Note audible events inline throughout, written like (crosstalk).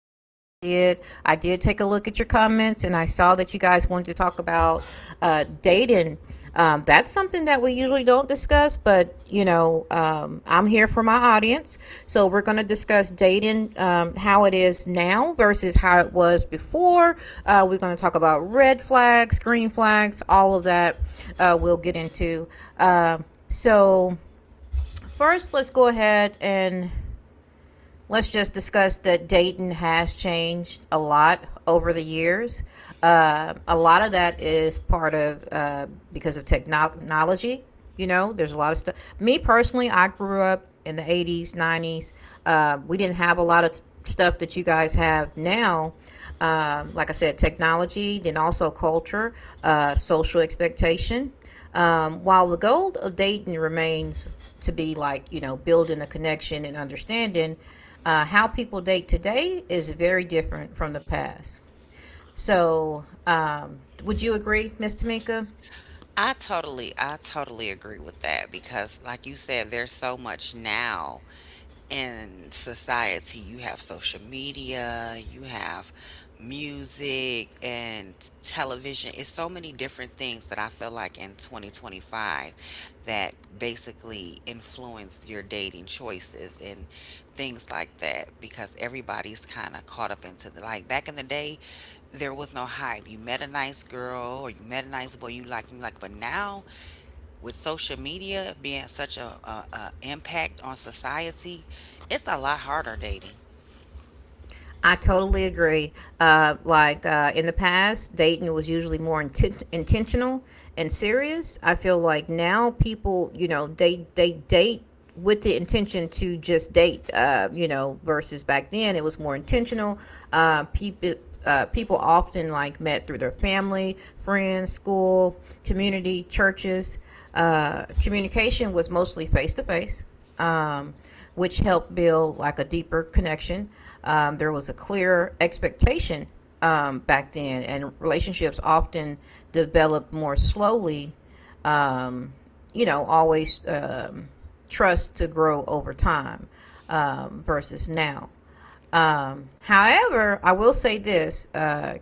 pod we did. I did take a look at your comments and I saw that you guys wanted to talk about dating. That's something that we usually don't discuss, but I'm here for my audience. So we're going to discuss dating, how it is now versus how it was before. We're going to talk about red flags, green flags, all of that we'll get into. Uh, so, first, let's go ahead and let's just discuss that Dayton has changed a lot over the years. A lot of that is part of because of technology. There's a lot of stuff. Me personally, I grew up in the 80s, 90s. We didn't have a lot of stuff that you guys have now. Like I said, technology, then also culture, social expectation. While the goal of dating remains to be like, building a connection and understanding, how people date today is very different from the past. So, would you agree, Miss Tamika? I totally agree with that because, like you said, there's so much now in society. You have social media, you have music and television. It's so many different things that I feel like in 2025 that basically influence your dating choices and things like that because everybody's kind of caught up into the like back in the day, there was no hype. You met a nice girl or you met a nice boy, you liked him, like, but now with social media being such a impact on society, it's a lot harder dating. I totally agree. Like in the past, dating was usually more intentional and serious. I feel like now people, they date with the intention to just date. Versus back then it was more intentional. Uh, people. People often like met through their family, friends, school, community, churches. Communication was mostly face to face um, which helped build like a deeper connection. There was a clear expectation back then, and relationships often developed more slowly. Um, always trust to grow over time versus now. However, I will say this,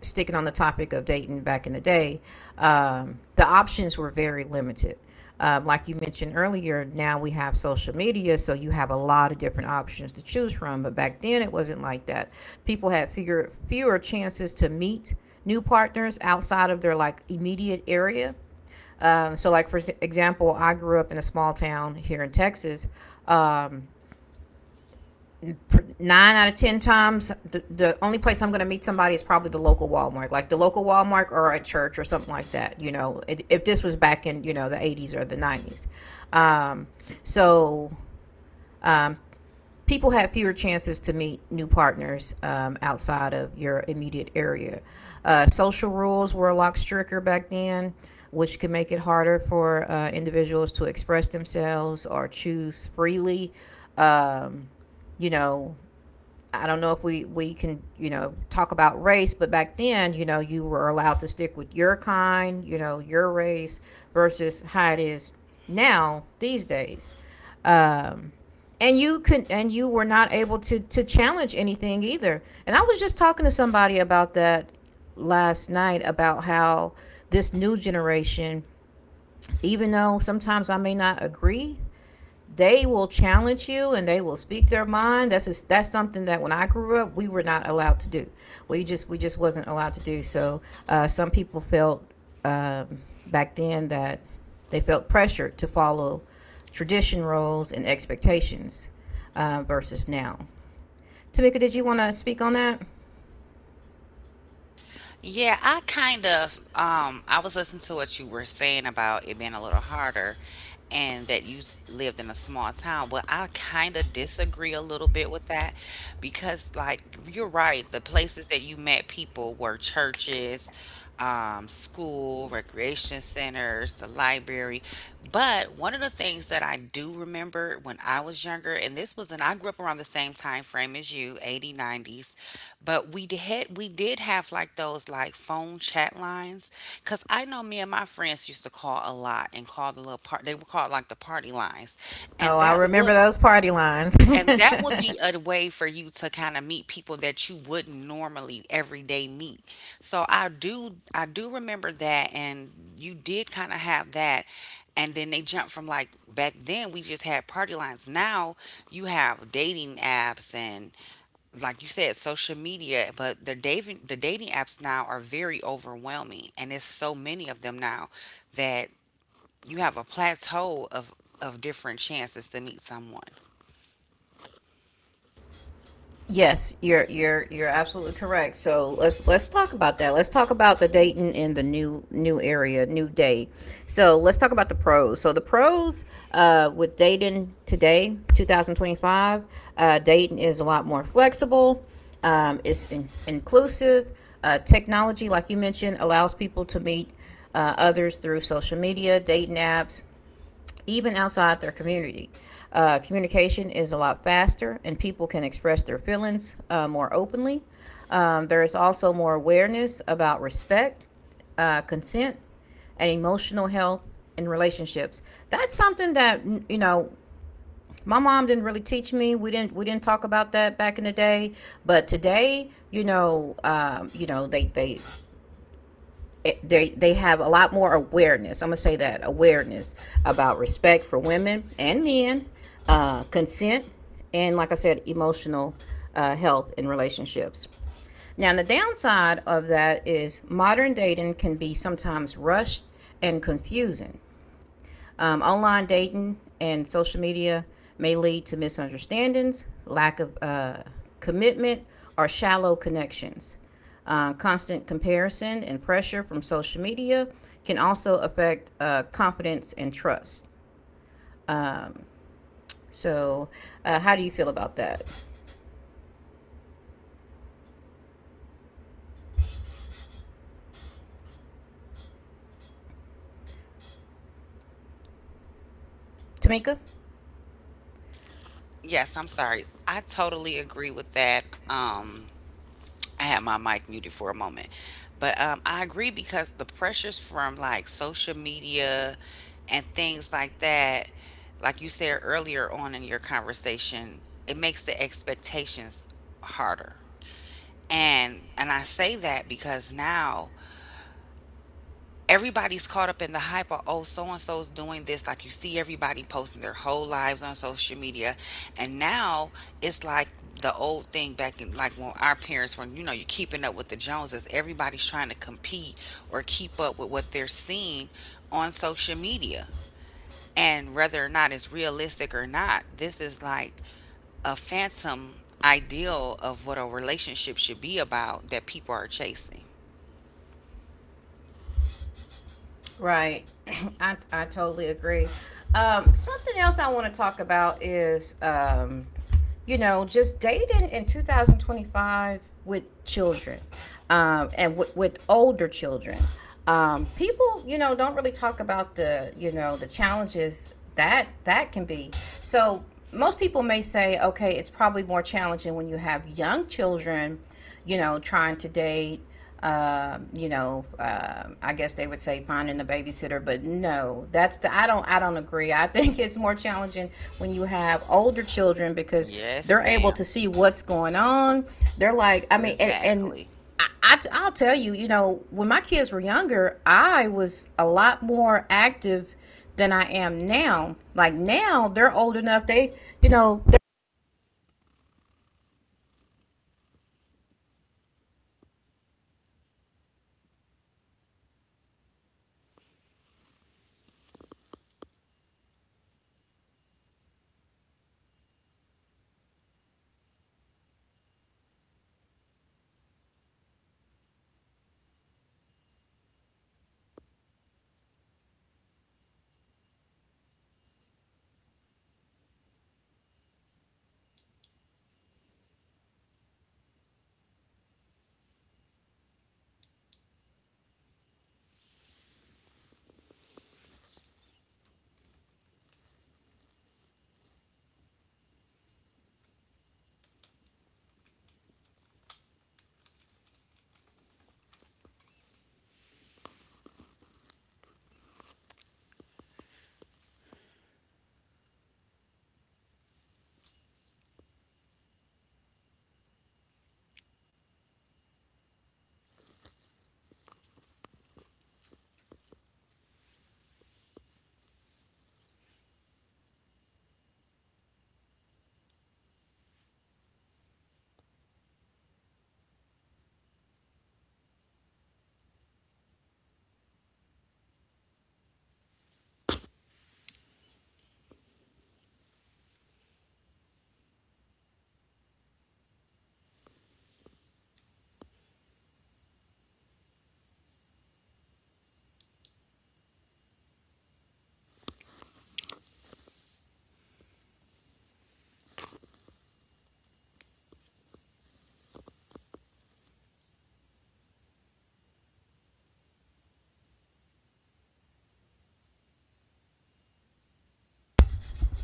sticking on the topic of dating back in the day, the options were very limited. Like you mentioned earlier, now we have social media, so you have a lot of different options to choose from. But back then, it wasn't like that. People had fewer chances to meet new partners outside of their like immediate area. Like for example, I grew up in a small town here in Texas, um, nine out of ten times, the only place I'm going to meet somebody is probably the local Walmart, like the local Walmart or a church or something like that. If this was back in the 80s or the 90s, um, so um, people have fewer chances to meet new partners outside of your immediate area. Social rules were a lot stricter back then, which can make it harder for individuals to express themselves or choose freely. Um, you know, I don't know if we can talk about race, but back then you were allowed to stick with your kind, your race versus how it is now these days, um, and you could and you were not able to challenge anything either. And I was just talking to somebody about that last night about how this new generation, even though sometimes I may not agree, they will challenge you and they will speak their mind. That's something that when I grew up we were not allowed to do. We just wasn't allowed to do. So some people felt um, back then that they felt pressured to follow tradition roles and expectations versus now. Tamika, did you want to speak on that? Yeah, I kind of I was listening to what you were saying about it being a little harder and that lived in a small town. Well, I kind of disagree a little bit with that because like you're right, the places that you met people were churches, school, recreation centers, the library. But one of the things that I do remember when I was younger, and this was, and I grew up around the same time frame as you, 80, 90. But we d- had we did have like those like phone chat lines because I know me and my friends used to call a lot and call the little part, they would call it like the party lines, and Oh, I that remember would those party lines. (laughs) and that would be a way for you to kind of meet people that you wouldn't normally everyday meet. So I do remember that, and you did kind of have that. And then they jumped from like back then we just had party lines. Now you have dating apps and, like you said, social media, but the dating apps now are very overwhelming, and it's so many of them now that you have a plateau of different chances to meet someone. Yes, you're absolutely correct. So let's talk about that. Let's talk about the Dayton and the new area, new day. So let's talk about the pros. So the pros with Dayton today, 2025, Dayton is a lot more flexible. It's inclusive. Technology, like you mentioned, allows people to meet others through social media, dating apps, even outside their community. Communication is a lot faster, and people can express their feelings more openly. There is also more awareness about respect, consent, and emotional health in relationships. That's something that you know my mom didn't really teach me. We didn't talk about that back in the day. But today, they it- they have a lot more awareness. I'm gonna say that awareness about respect for women and men, consent, and like I said, emotional health in relationships. Now, the downside of that is modern dating can be sometimes rushed and confusing. Online dating and social media may lead to misunderstandings, lack of commitment, or shallow connections. Constant comparison and pressure from social media can also affect confidence and trust. Um, so, how do you feel about that, Tamika? Yes, I'm sorry. I totally agree with that. I had my mic muted for a moment, but I agree because the pressures from like social media and things like that, like you said earlier on in your conversation, it makes the expectations harder. And I say that because now everybody's caught up in the hype of, oh, so and so's doing this, like you see everybody posting their whole lives on social media, and now it's like the old thing back in like when our parents were, you know, you're keeping up with the Joneses, everybody's trying to compete or keep up with what they're seeing on social media, and whether or not it's realistic or not, this is like a phantom ideal of what a relationship should be about that people are chasing. Right. (clears throat) I totally agree. Something else I want to talk about is, just dating in 2025 with children, and with older children. People, don't really talk about the challenges that can be. So most people may say, okay, it's probably more challenging when you have young children, trying to date. I guess they would say finding the babysitter, but no, that's the I don't agree. I (laughs) think it's more challenging when you have older children because Yes, they're able to ma'am. see what's going on. They're like, I mean, and Exactly. I'll tell you, when my kids were younger, I was a lot more active than I am now. Like now, they're old enough. They, you know,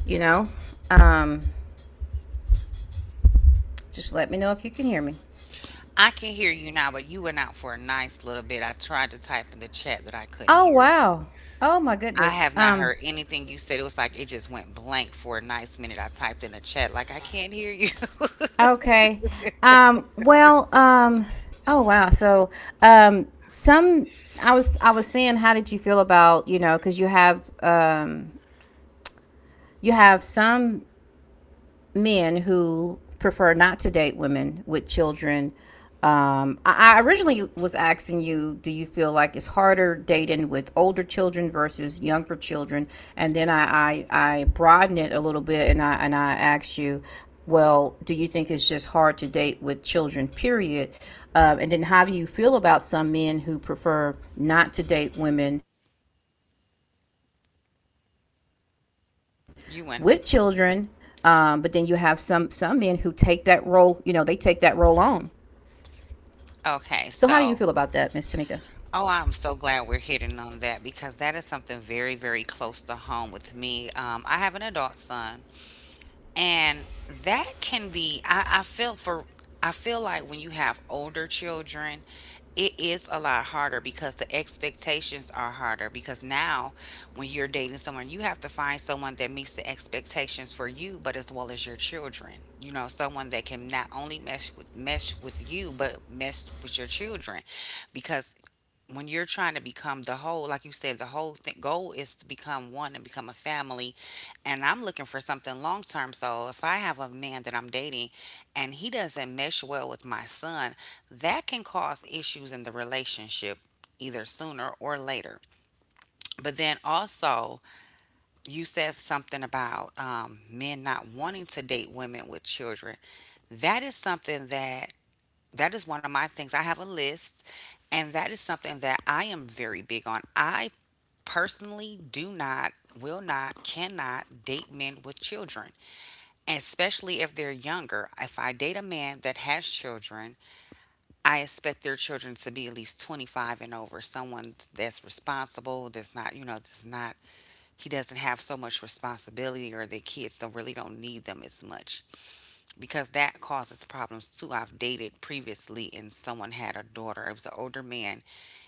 you know, um, just let me know if you can hear me. I can hear you now, but you went out for a nice little bit. I tried to type in the chat that I couldn't Oh hear you. wow. Oh my I goodness. have not Um heard anything you said. It was like it just went blank for a nice minute. I typed in the chat, like, I can't hear you. (laughs) okay. Well, oh wow. So some I was saying how did you feel about, cuz you have some men who prefer not to date women with children. I originally was asking you, do you feel like it's harder dating with older children versus younger children? And then I broadened it a little bit and I asked you, well, do you think it's just hard to date with children, period? And then how do you feel about some men who prefer not to date women with children, but then you have some men who You went, take that role, they take that role on. So how do you feel about that, Miss okay, Tamika? so, oh, I'm so glad we're hitting on that because that is something very, very close to home with me. I have an adult son, and that can be, I feel for, I feel like when you have older children, it is a lot harder because the expectations are harder because now when you're dating someone, you have to find someone that meets the expectations for you, but as well as your children. You know, someone that can not only mesh with you but mesh with your children, because when you're trying to become the whole, like you said, the whole thing, goal is to become one and become a family. And I'm looking for something long term. So if I have a man that I'm dating and he doesn't mesh well with my son, that can cause issues in the relationship either sooner or later. But then also, you said something about men not wanting to date women with children. That is something that that is one of my things. I have a list, and that is something that I am very big on. I personally do not, will not, cannot date men with children, especially if they're younger. If I date a man that has children, I expect their children to be at least 25 and over, someone that's responsible, that's not, you know, that's not, he doesn't have so much responsibility or their kids don't really don't need them as much because that causes problems too. I've dated previously and someone had a daughter. It was an older man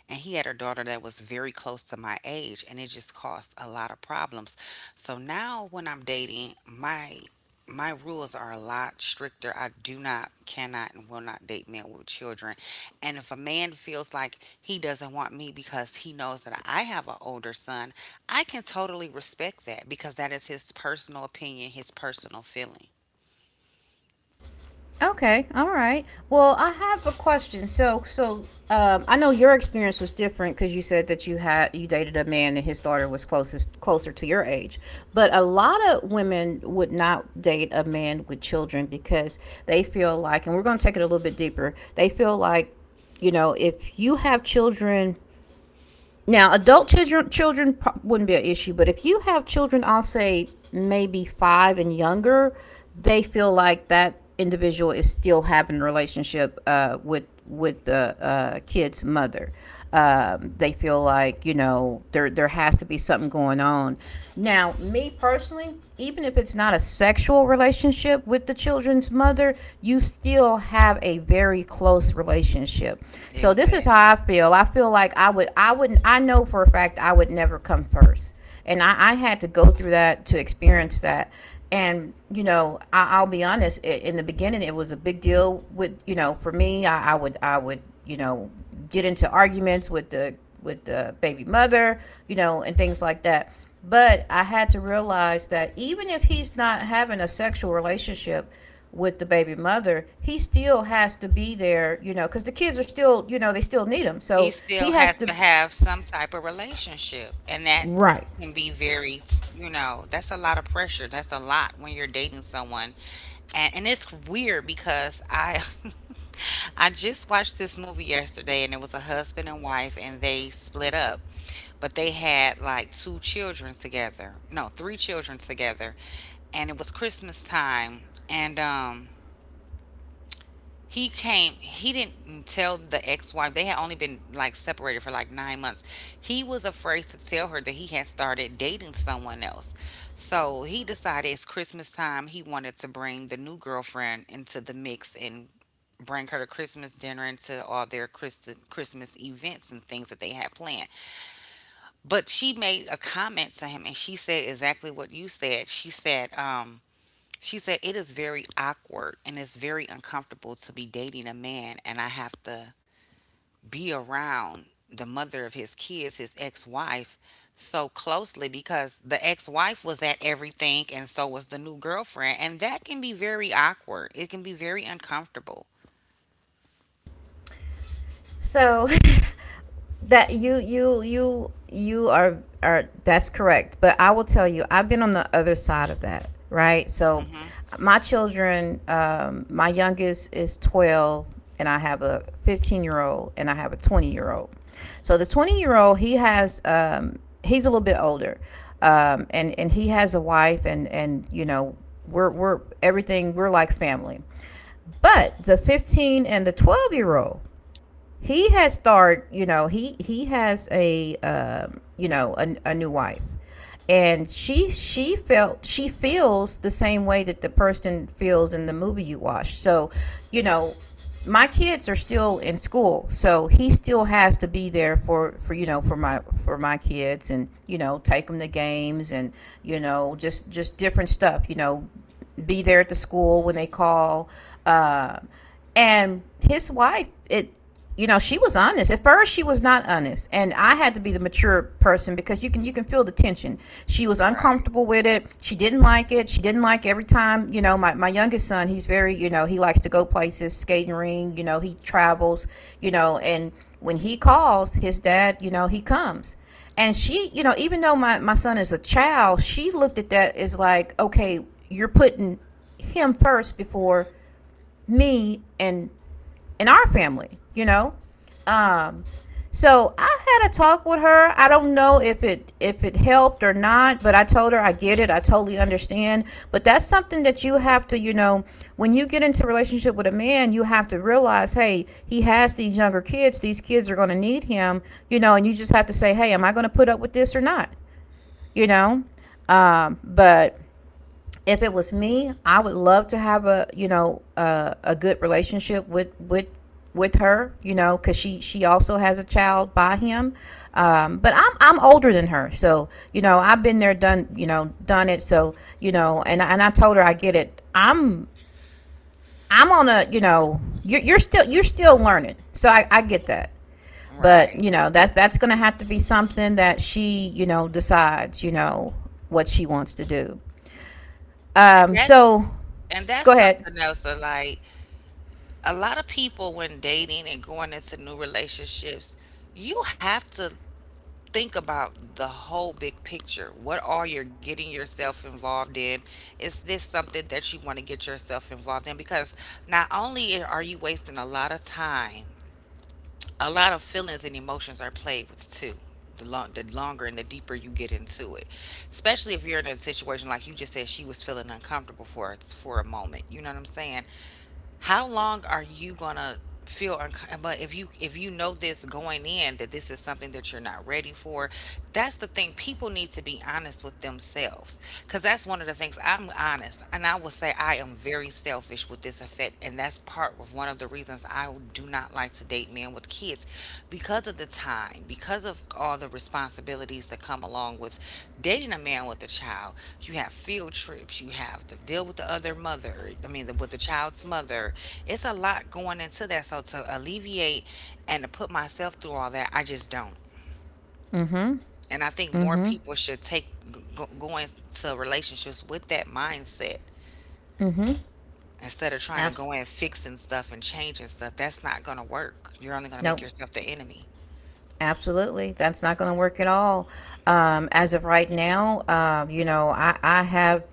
and he had a daughter that was very close to my age, and it just caused a lot of problems. So now when I'm dating, my rules are a lot stricter. I do not, cannot, and will not date men with children. And if a man feels like he doesn't want me because he knows that I have an older son, I can totally respect that because that is his personal opinion, his personal feeling. Okay, all right. Well, I have a question. So, I know your experience was different because you said that you dated a man and his daughter was closest closer to your age. But a lot of women would not date a man with children because they feel like, and we're going to take it a little bit deeper. They feel like, if you have children. Now, adult children wouldn't be an issue, but if you have children, I'll say maybe 5 and younger, they feel like that individual is still having a relationship with the kid's mother. They feel like there has to be something going on. Now, me personally, even if it's not a sexual relationship with the children's mother, you still have a very close relationship. So this is how Exactly. I feel. I feel like I wouldn't. I know for a fact I would never come first, and I had to go through that to experience that. And you know, I'll be honest. In the beginning, it was a big deal with for me. I would get into arguments with the baby mother, and things like that. But I had to realize that even if he's not having a sexual relationship, with the baby mother, he still has to be there, because the kids are still, they still need him. He So he still has has to. to have some type of relationship, and that Right. can be very, you know, that's a lot of pressure. That's a lot when you're dating someone. And it's weird because I (laughs) I just watched this movie yesterday, and it was a husband and wife and they split up, but they had like two children together. No, three children together. And it was Christmas time, and he came, he didn't tell the ex-wife. They had only been like separated for like 9 months. He was afraid to tell her that he had started dating someone else. So he decided it's Christmas time. He wanted to bring the new girlfriend into the mix and bring her to Christmas dinner and to all their Christmas events and things that they had planned. But she made a comment to him and she said exactly what you said. She said, she said, it is very awkward and it's very uncomfortable to be dating a man, and I have to be around the mother of his kids, his ex wife, so closely, because the ex wife was at everything and so was the new girlfriend. And that can be very awkward. It can be very uncomfortable. So (laughs) that you are that's correct. But I will tell you, I've been on the other side of that, right? So Hmm. my children, my youngest is 12, and I have a 15-year old, and I have a 20-year old. So the 20-year old, he has he's a little bit older, and he has a wife, and we're everything we're like family. But the 15 and the 12-year-old, he has started he has a a new wife, and she feels the same way that the person feels in the movie you watch. You know my kids are still in school, so he still has to be there for you know for my kids, and take them to games and just different stuff, be there at the school when they call. Uh, and his wife it she was honest. At first she was not honest, and I had to be the mature person, because you can feel the tension. She was Right. uncomfortable with it. She didn't like it. She didn't like every time, my youngest son, he's very, he likes to go places, skating ring, he travels, and when he calls his dad, he comes. And she, even though my son is a child, she looked at that as like, okay, you're putting him first before me and our family, Um so I had a talk with her. I don't know if it helped or not, but I told her I get it. I totally understand. But that's something that you have to, when you get into a relationship with a man, you have to realize, hey, he has these younger kids. These kids are going to need him, and you just have to say, hey, am I going to put up with this or not? You know? But if it was me, I would love to have a a good relationship with with her, because she also has a child by him. But I'm older than her, so I've been there, done it. And I told her I get it. I'm on a you're still you're still learning, so I get that. But Right. That's gonna have to be something that she, decides, what she wants to do. And Um, that's so and go that's ahead. something else that like a lot of people when dating and going into new relationships, you have to think about the whole big picture. What are you getting yourself involved in? Is this something that you want to get yourself involved in? Because not only are you wasting a lot of time, a lot of feelings and emotions are played with too. The longer and the deeper you get into it, especially if you're in a situation like you just said, she was feeling uncomfortable for us for a moment. You know what I'm saying? How long are you gonna feel uncomfortable? But if you know this going in that this is something that you're not ready for, that's the thing. People need to be honest with themselves because that's one of the things, I'm honest, and I will say I am very selfish with this effect, and that's part of one of the reasons I do not like to date men with kids, because of the time, because of all the responsibilities that come along with dating a man with a child. You have field trips, you have to deal with the other mother, with the child's mother. It's a lot going into that. So to alleviate and to put myself through all that, I just don't. Mm-hmm. And I think more Mm-hmm. people should go into relationships with that mindset Mm-hmm. instead of trying to Abs- go in fixing stuff and changing stuff. That's not going to work. You're only going to make nope. yourself the enemy. Absolutely. That's not going to work at all. As of right now, I have,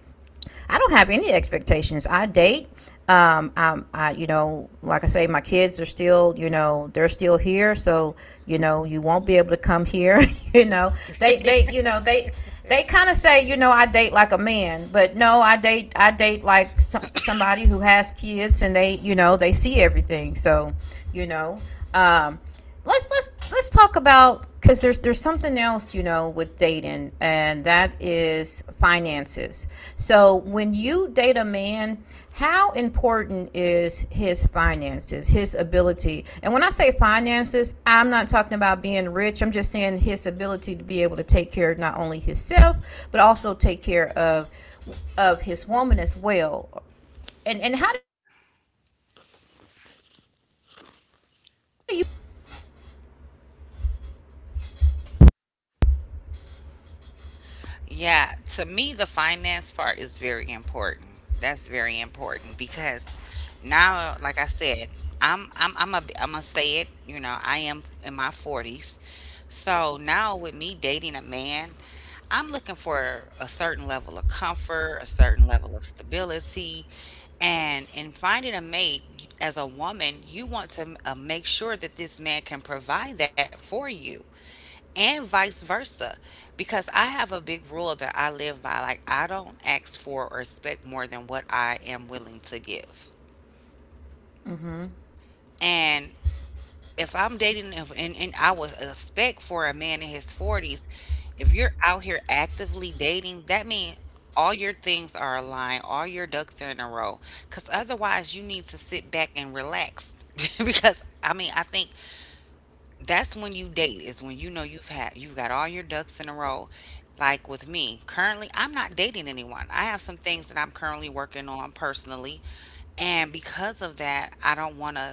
I don't have any expectations. I date. Like I say, my kids are still, they're still here. So, you won't be able to come here. (laughs) you know, they, they, you know, they, they kind of say, I date like a man, but no, I date like somebody who has kids and they, they see everything. So, you know, um, let's talk about, because there's something else with dating, and that is finances. So when you date a man, how important is his finances, his ability? And when I say finances, I'm not talking about being rich, I'm just saying his ability to be able to take care of not only himself but also take care of his woman as well. And how do you feel about that? Yeah, to me, the finance part is very important. That's very important because now, like I said, I'm gonna say it. You know, I am in my forties, so now with me dating a man, I'm looking for a certain level of comfort, a certain level of stability, and in finding a mate as a woman, you want to make sure that this man can provide that for you and vice versa, because I have a big rule that I live by. Like, I don't ask for or expect more than what I am willing to give. Mm-hmm And if I'm dating and I would expect for a man in his 40s, if you're out here actively dating, that means all your things are aligned, all your ducks are in a row, because otherwise you need to sit back and relax. (laughs) Because I mean, I think that's when you date, is when you know you've had you've got all your ducks in a row. Like with me currently, I'm not dating anyone. I have some things that I'm currently working on personally, and because of that, I don't want to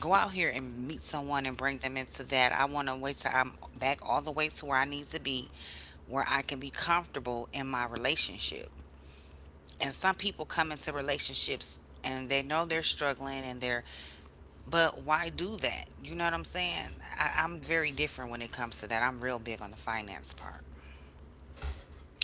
go out here and meet someone and bring them into that. I want to wait till I'm back all the way to where I need to be, where I can be comfortable in my relationship. And some people come into relationships and they know they're struggling and they're, but why do that? You know what I'm saying? I'm very different when it comes to that. I'm real big on the finance part.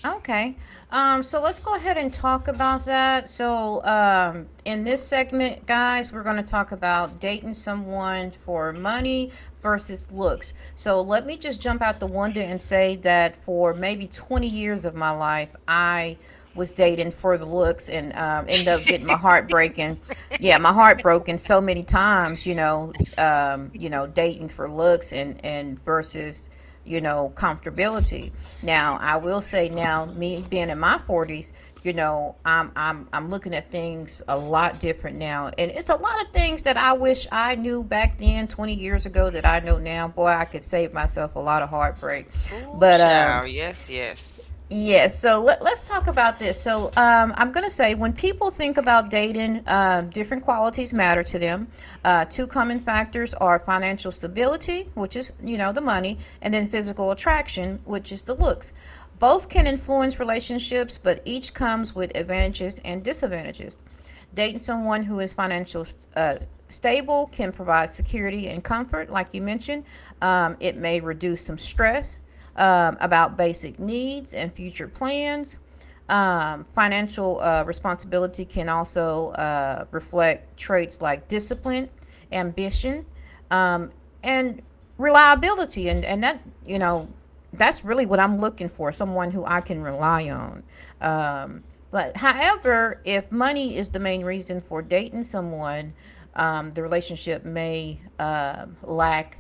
Okay. So let's go ahead and talk about that. So, in this segment, guys, we're going to talk about dating someone for money versus looks. So, let me just jump out the window and say that for maybe 20 years of my life, I was dating for the looks and end up getting my heart breaking. Yeah, my heart broken so many times, dating for looks and versus comfortability. Now, I will say now, me being in my 40s, I'm looking at things a lot different now. And it's a lot of things that I wish I knew back then 20 years ago that I know now. Boy, I could save myself a lot of heartbreak. Ooh, But child. Yes, yes. Yes. So let us talk about this. So I'm going to say, when people think about dating, different qualities matter to them. Two common factors are financial stability, which is, the money, and then physical attraction, which is the looks. Both can influence relationships, but each comes with advantages and disadvantages. Dating someone who is financially uh, stable can provide security and comfort, like you mentioned. It may reduce some stress about basic needs and future plans. Financial responsibility can also reflect traits like discipline, ambition, um, and reliability. And that, that's really what I'm looking for, someone who I can rely on. Um, but however, if money is the main reason for dating someone, the relationship may lack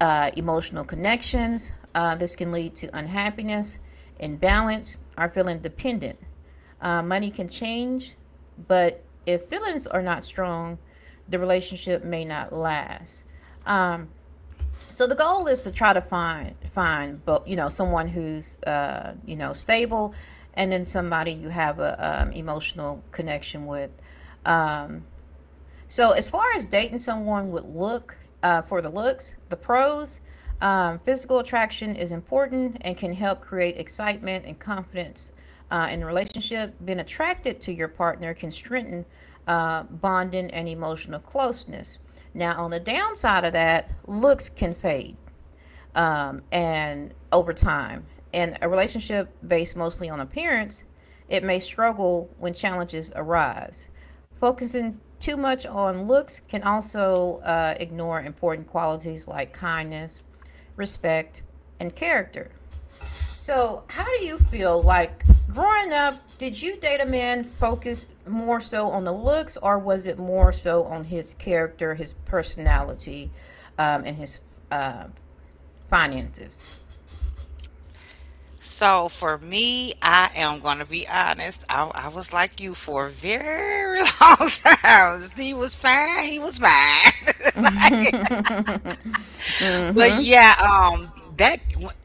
emotional connections. This can lead to unhappiness, imbalance, or feeling dependent. Money can change, but if feelings are not strong, the relationship may not last. Um, so the goal is to try to find both, someone who's stable, and then somebody you have a emotional connection with. Um, so as far as dating someone with look, for the looks, the pros, physical attraction is important and can help create excitement and confidence in the relationship. Being attracted to your partner can strengthen bonding and emotional closeness. Now, on the downside of that, looks can fade and over time, in a relationship based mostly on appearance, it may struggle when challenges arise. Focusing too much on looks can also ignore important qualities like kindness, respect, and character. So, how do you feel like growing up? Did you date a man focused more so on the looks, or was it more so on his character, his personality, and his uh, finances? So for me, I am going to be honest. I was like you for a very (laughs) long time. He was fine. He was mine. (laughs) (laughs) But Mhm. yeah, that,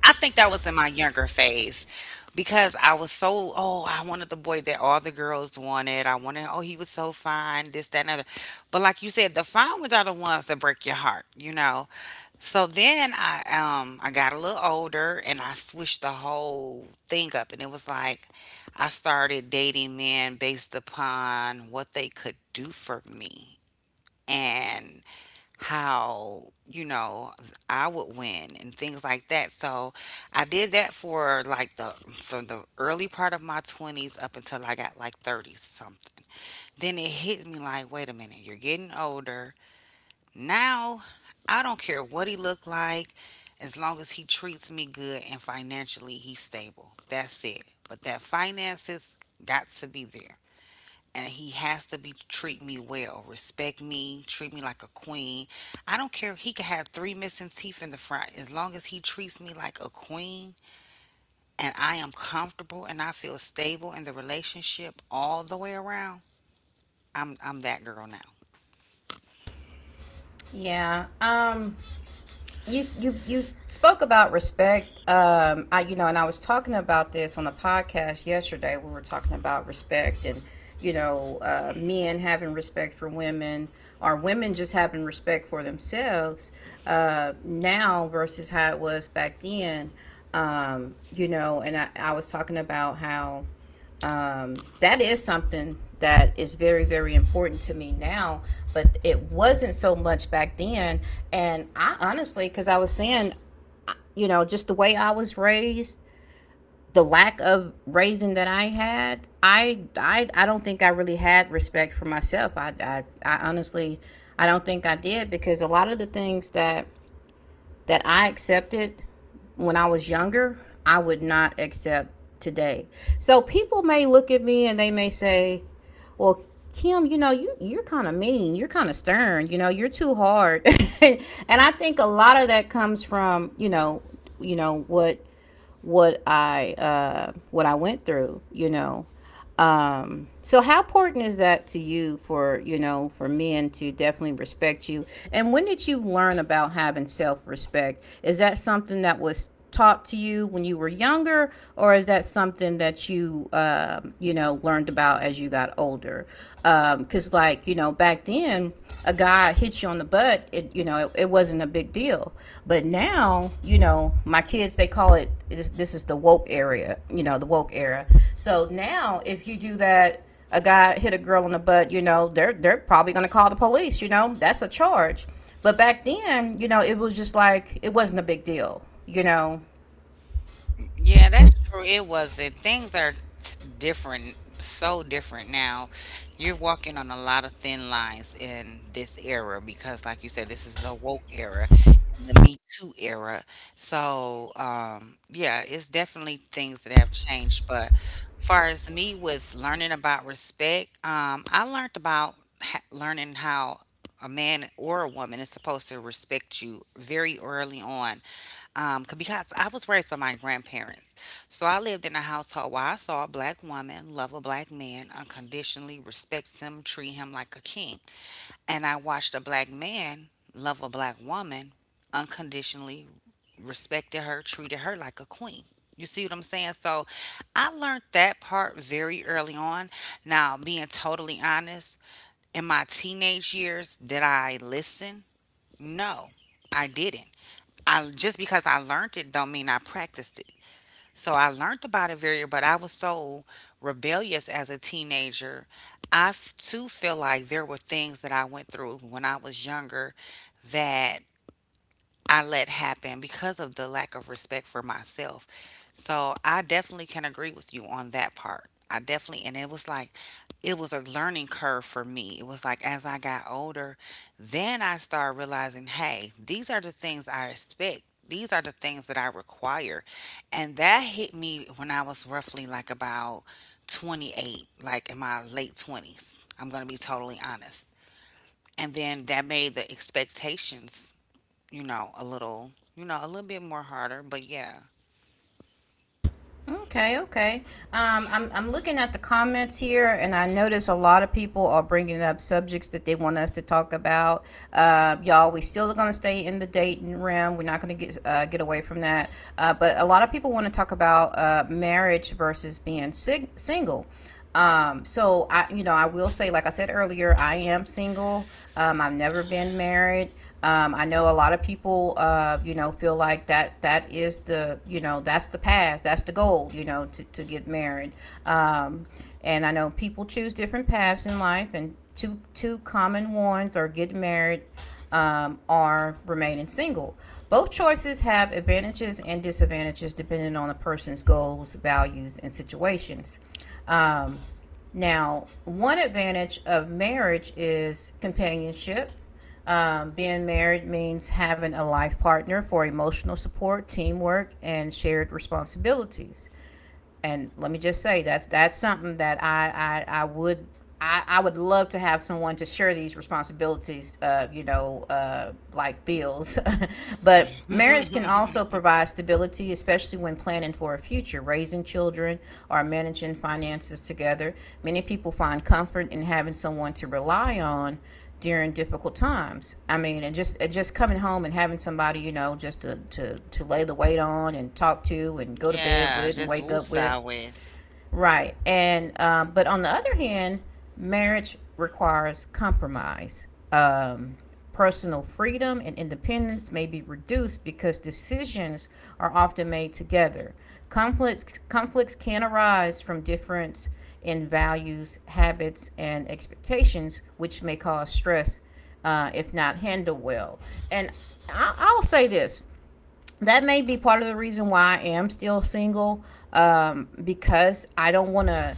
I think that was in my younger phase, because I was so, oh, I wanted the boy that all the girls wanted. I wanted, oh, he was so fine, this, that, and other. But like you said, the fine ones are the ones that break your heart, you know. So then I, I got a little older and I switched the whole thing up, and it was like I started dating men based upon what they could do for me, and how, you know, I would win and things like that. So I did that for like the, from the early part of my 20s up until I got like 30 something. Then it hit me like, wait a minute, you're getting older. Now I don't care what he look like, as long as he treats me good and financially he's stable. That's it. But that finances got to be there, and he has to be, treat me well, respect me, treat me like a queen. I don't care. He could have three missing teeth in the front, as long as he treats me like a queen and I am comfortable and I feel stable in the relationship all the way around. I'm that girl now. Yeah. You you spoke about respect. I, and I was talking about this on the podcast yesterday. We were talking about respect and men having respect for women, or women just having respect for themselves, now versus how it was back then. And I was talking about how that is something that is very very important to me now, but it wasn't so much back then. And I honestly, because I was saying, just the way I was raised, the lack of raising that I had, I don't think I really had respect for myself. I honestly, I don't think I did, because a lot of the things that I accepted when I was younger, I would not accept today. So people may look at me and they may say, well, Kim, you're kind of mean. You're kind of stern. You know, you're too hard. (laughs) And I think a lot of that comes from what what I went through. You know, so how important is that to you, for for men to definitely respect you? And when did you learn about having self respect? Is that something that was taught to you when you were younger, or is that something that you, learned about as you got older? Because, like, back then, a guy hits you on the butt, it it wasn't a big deal. But now, my kids, they call it, this is the woke area, the woke era. So now, if you do that, a guy hit a girl on the butt, they're probably going to call the police, that's a charge. But back then, it was just like it wasn't a big deal, Yeah, that's true. It wasn't. Things are different, so different now. You're walking on a lot of thin lines in this era because, like you said, this is the woke era and the Me Too era. So, yeah, it's definitely things that have changed. But far as me with learning about respect, I learned about learning how a man or a woman is supposed to respect you very early on, because I was raised by my grandparents. So I lived in a household where I saw a black woman love a black man unconditionally, respect him, treat him like a king. And I watched a black man love a black woman unconditionally, respected her, treated her like a queen. You see what I'm saying? So I learned that part very early on. Now, being totally honest, in my teenage years, did I listen? No, I didn't. I just, because I learned it don't mean I practiced it. So I learned about it very, but I was so rebellious as a teenager. Too, feel like there were things that I went through when I was younger that I let happen because of the lack of respect for myself. So I definitely can agree with you on that part. I definitely, and it was like, it was a learning curve for me. It was like, as I got older, then I started realizing, hey, these are the things I expect. These are the things that I require. And that hit me when I was roughly like about 28, like in my late 20s. I'm going to be totally honest. And then that made the expectations, you know, a little, you know, a little bit more harder, but yeah. Okay, okay. I'm looking at the comments here, and I notice a lot of people are bringing up subjects that they want us to talk about. Y'all, we still are going to stay in the dating realm. We're not going to get away from that. But a lot of people want to talk about marriage versus being single. So I, I will say, like I said earlier, I am single. I've never been married. I know a lot of people, feel like that that is the, that's the path, that's the goal, to get married. Um, and I know people choose different paths in life, and two common ones are get married, are remaining single. Both choices have advantages and disadvantages depending on a person's goals, values, and situations. Um, Now, one advantage of marriage is companionship. Being married means having a life partner for emotional support, teamwork, and shared responsibilities. And let me just say that's something that I, I would I would love to have someone to share these responsibilities, like bills. (laughs) But marriage can also (laughs) provide stability, especially when planning for a future, raising children, or managing finances together. Many people find comfort in having someone to rely on during difficult times. I mean, and just coming home and having somebody, you know, just to lay the weight on and talk to and go to bed Yeah, with and just wake up with. woosah with. Right. And but on the other hand, marriage requires compromise. Personal freedom and independence may be reduced because decisions are often made together. Conflicts can arise from difference in values, habits, and expectations, which may cause stress, if not handled well. And I'll say this, that may be part of the reason why I am still single, because I don't want to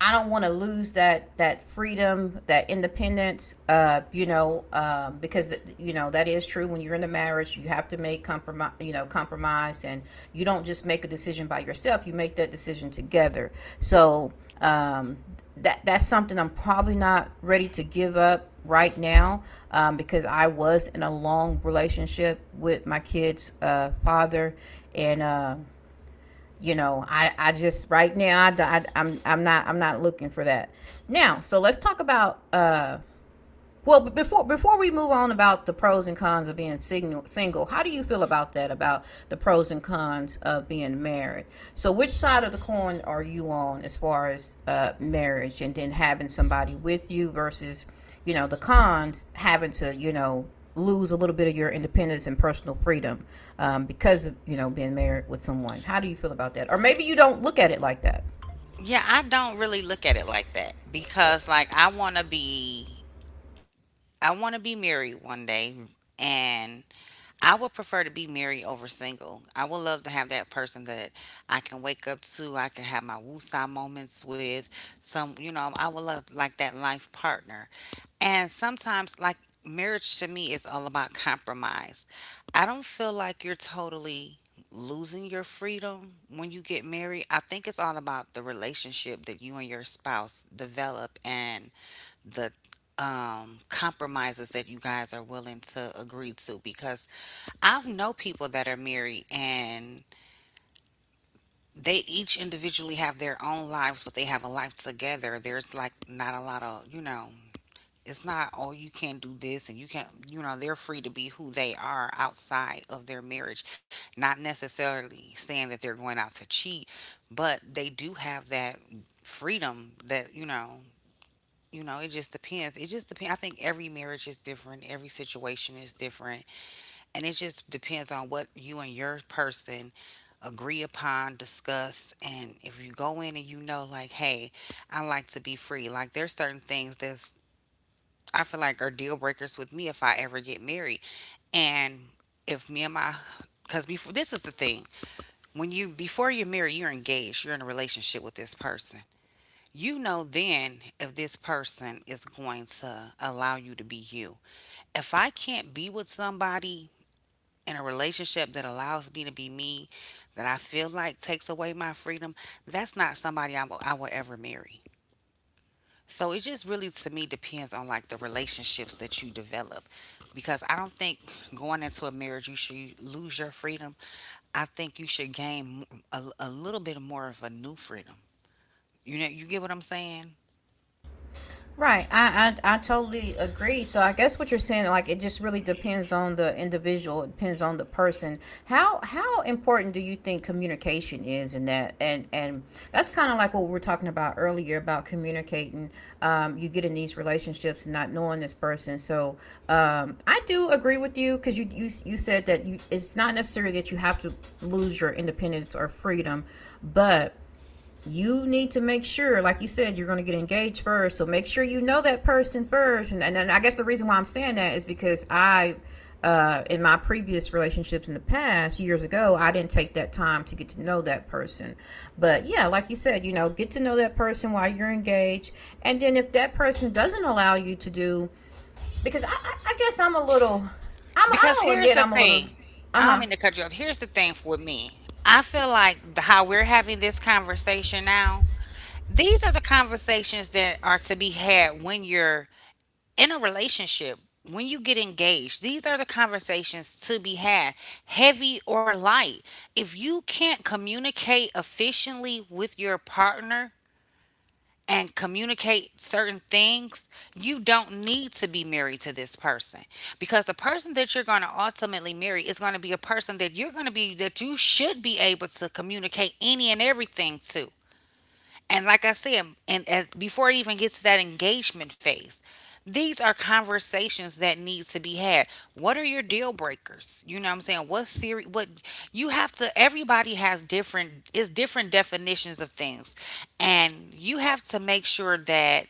I don't want to lose that freedom, that independence. You know because th- you know That is true. When you're in a marriage, you have to make compromise, you know, compromise. And you don't just make a decision by yourself, you make that decision together. So um, that's something I'm probably not ready to give up right now, because I was in a long relationship with my kid's father, and I just right now, I am I'm not looking for that. Now, so let's talk about but before we move on about the pros and cons of being single, single, how do you feel about that? About the pros and cons of being married. So, which side of the coin are you on as far as marriage, and then having somebody with you versus, you know, the cons having to, you know, lose a little bit of your independence and personal freedom, because of, you know, being married with someone. How do you feel about that? Or maybe you don't look at it like that. Yeah, I don't really look at it like that, because like, I want to be, I want to be married one day, and I would prefer to be married over single. I would love to have that person that I can wake up to, I can have my woosah moments with, some, you know, I would love like that life partner. And sometimes, like, marriage to me is all about compromise. I don't feel like you're totally losing your freedom when you get married. I think it's all about the relationship that you and your spouse develop and the compromises that you guys are willing to agree to, because I've know people that are married, and they each individually have their own lives, but they have a life together. There's like not a lot of, you know, it's not, oh, you can't do this and you can't, you know, they're free to be who they are outside of their marriage, not necessarily saying that they're going out to cheat, but they do have that freedom that, you know, you know, it just depends. I think every marriage is different, every situation is different, and it just depends on what you and your person agree upon, discuss. And if you go in and, you know, like, hey, I like to be free, like, there's certain things that's, I feel like are deal breakers with me if I ever get married. And if me and my, because before, this is the thing, when you, before you're married, you're engaged, you're in a relationship with this person, you know, then, if this person is going to allow you to be you, if I can't be with somebody in a relationship that allows me to be me, that I feel like takes away my freedom, that's not somebody I will ever marry. So it just really to me depends on like the relationships that you develop, because I don't think going into a marriage you should lose your freedom. I think you should gain a little bit more of a new freedom. You know, you get what I'm saying? Right. I totally agree. So I guess what you're saying, like, it just really depends on the individual, it depends on the person. How important do you think communication is in that? And that's kind of like what we were talking about earlier about communicating. You get in these relationships and not knowing this person. So I do agree with you, because you said that you it's not necessarily that you have to lose your independence or freedom, but you need to make sure, like you said, you're going to get engaged first. So make sure you know that person first. And I guess the reason why I'm saying that is because in my previous relationships in the past, years ago, I didn't take that time to get to know that person. But yeah, like you said, you know, get to know that person while you're engaged. And then if that person doesn't allow you to do, because I guess I'm a little, I'm, Because I'll here's admit the I'm a little, thing. uh I don't huh. mean to cut you off. Here's the thing for me. I feel like the, how we're having this conversation now, these are the conversations that are to be had when you're in a relationship. When you get engaged, these are the conversations to be had, heavy or light. If you can't communicate efficiently with your partner and communicate certain things, you don't need to be married to this person, because the person that you're going to ultimately marry is going to be a person that you're going to be, that you should be able to communicate any and everything to. And like I said, and as before it even gets to that engagement phase, these are conversations that needs to be had. What are your deal breakers? You know what I'm saying? What you have to, everybody has different, is different definitions of things. And you have to make sure that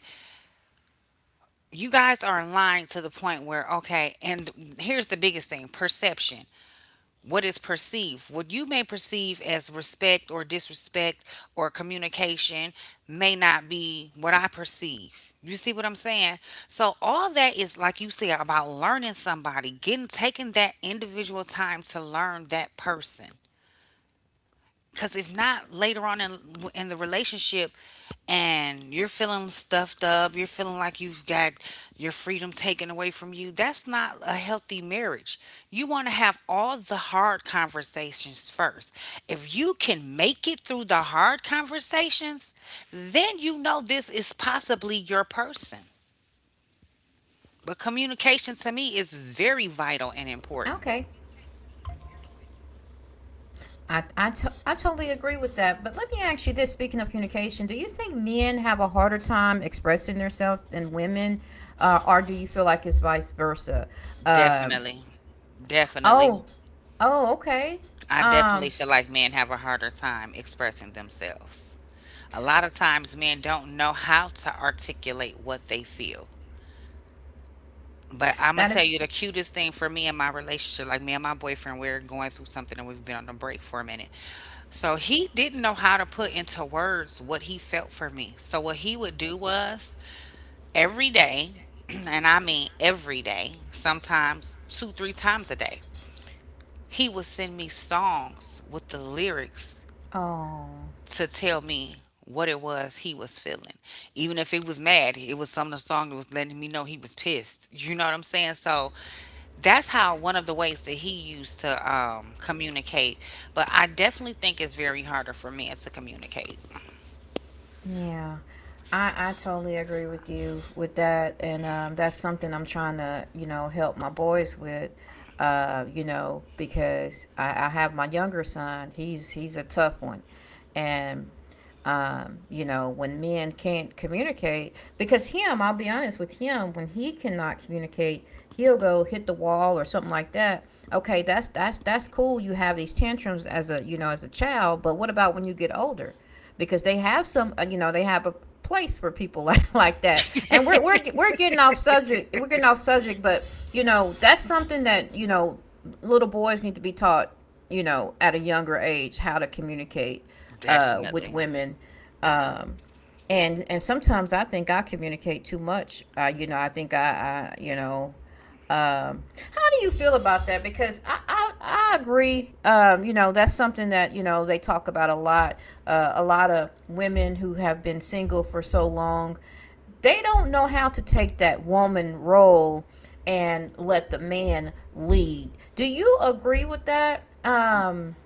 you guys are aligned to the point where okay, and here's the biggest thing, perception, what is perceived. What you may perceive as respect or disrespect or communication may not be what I perceive. You see what I'm saying? So all that is, like you said, about learning somebody, getting, taking that individual time to learn that person. Cause if not, later on in the relationship, and you're feeling stuffed up, you're feeling like you've got your freedom taken away from you, that's not a healthy marriage. You want to have all the hard conversations first. If you can make it through the hard conversations, then you know this is possibly your person. But Okay. communication to me is very vital and important. I totally agree with that. But let me ask you this, speaking of communication, do you think men have a harder time expressing themselves than women? Or do you feel like it's vice versa? Um, Definitely, oh, definitely. oh, okay. I definitely Um, feel like men have a harder time expressing themselves. A lot of times, men don't know how to articulate what they feel. But I'm gonna that is. tell you the cutest thing for me in my relationship, like me and my boyfriend, we're going through something and we've been on a break for a minute. So he didn't know how to put into words what he felt for me. So what he would do was every day, (clears throat) and I mean every day, sometimes two, three times a day, he would send me songs with the lyrics Oh. to tell me what it was he was feeling. Even if it was mad, it was some of the song that was letting me know he was pissed. You know what I'm saying? So that's how, one of the ways that he used to communicate. But I definitely think it's very harder for men to communicate. Yeah. I totally agree with you with that. And that's something I'm trying to, you know, help my boys with, you know, because I have my younger son. He's a tough one. And, you know, when men can't communicate, because him, I'll be honest with him, when he cannot communicate, he'll go hit the wall or something like that. Okay, that's cool. You have these tantrums as a, you know, as a child. But what about when you get older? Because they have some, you know, they have a place for people (laughs) like that. And we're getting off subject. We're getting off subject, but you know, that's something that, you know, little boys need to be taught, you know, at a younger age how to communicate with Definitely. women. Um, and sometimes I think I communicate too much. You know, I think I you know um, how do you feel about that? Because I agree. You know, that's something that, you know, they talk about a lot. A lot of women who have been single for so long, they don't know how to take that woman role and let the man lead. Do you agree with that?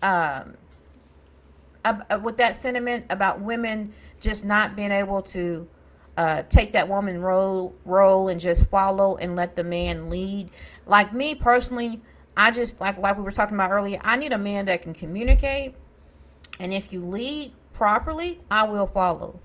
um, with that sentiment about women just not being able to take that woman role and just follow and let the man lead. Like me personally, I just, like we were talking about earlier, I need a man that can communicate, and if you lead properly, I will follow.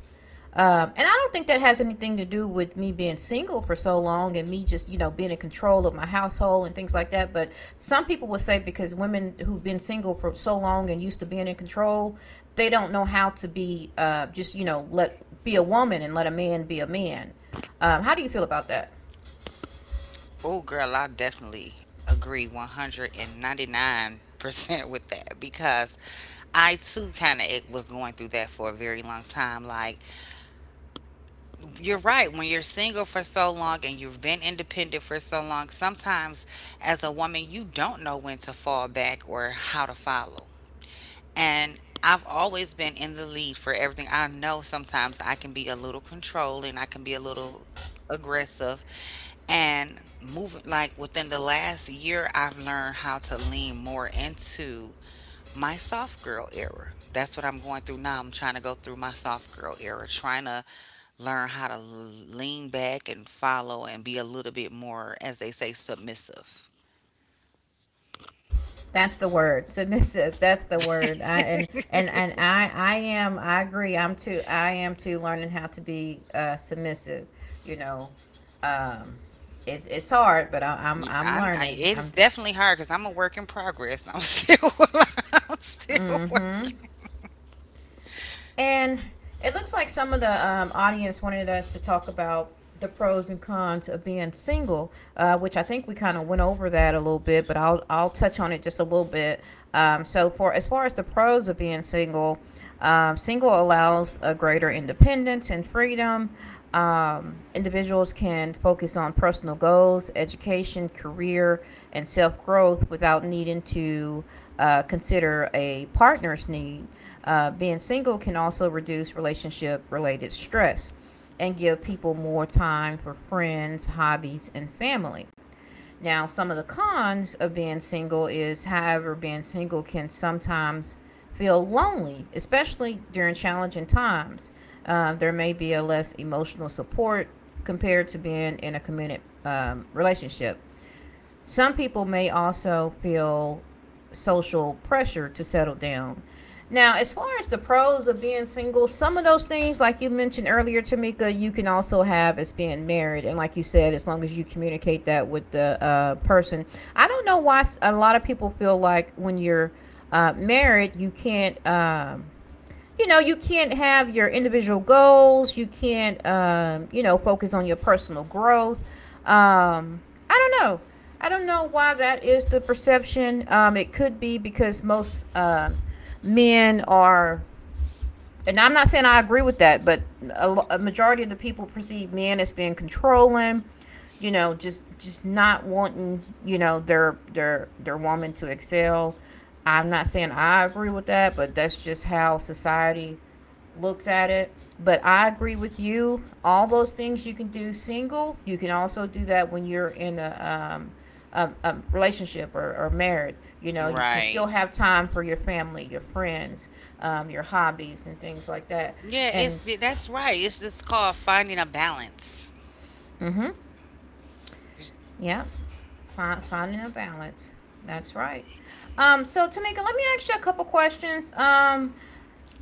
And I don't think that has anything to do with me being single for so long and me just, you know, being in control of my household and things like that. But some people would say, because women who've been single for so long and used to being in control, they don't know how to be, just, you know, let be a woman and let a man be a man. How do you feel about that? Oh, girl, I definitely agree 199% (laughs) with that, because I too kind of was going through that for a very long time. Like, you're right. When you're single for so long and you've been independent for so long, sometimes as a woman, you don't know when to fall back or how to follow. And I've always been in the lead for everything. I know sometimes I can be a little controlling, I can be a little aggressive. And moving, like within the last year, I've learned how to lean more into my soft girl era. That's what I'm going through now. I'm trying to go through my soft girl era, trying to learn how to lean back and follow and be a little bit more, as they say, submissive. That's the word. Submissive. That's the word. I agree. I am too learning how to be submissive. You know, um, it's hard, but Yeah, I'm learning. it is I'm. definitely hard because I'm a work in progress. I'm still, (laughs) I'm still Mm-hmm. working. And it looks like some of the audience wanted us to talk about the pros and cons of being single, which I think we kind of went over that a little bit, but I'll touch on it just a little bit. So for as far as the pros of being single, single allows a greater independence and freedom. Individuals can focus on personal goals, education, career, and self growth without needing to consider a partner's need. Being single can also reduce relationship related stress and give people more time for friends, hobbies, and family. Now, some of the cons of being single is, however, being single can sometimes feel lonely, especially during challenging times. There may be a less emotional support compared to being in a committed relationship. Some people may also feel social pressure to settle down. Now, as far as the pros of being single, some of those things, like you mentioned earlier, Tamika, you can also have as being married. And like you said, as long as you communicate that with the person. I don't know why a lot of people feel like when you're married, you can't. You know, you can't have your individual goals, you can't, you know, focus on your personal growth. Um, i don't know i don't know why that is the perception. It could be because most men are, and I'm not saying I agree with that, but a majority of the people perceive men as being controlling, you know, just not wanting, you know, their woman to excel. I'm not saying I agree with that, but that's just how society looks at it. But I agree with you. All those things you can do single. You can also do that when you're in a, a relationship or married. You know, you can still Right. have time for your family, your friends, your hobbies, and things like that. Yeah, And that's right. It's just called finding a balance. mm-hmm, You yeah, finding a balance. That's right. So Tamika, let me ask you a couple questions.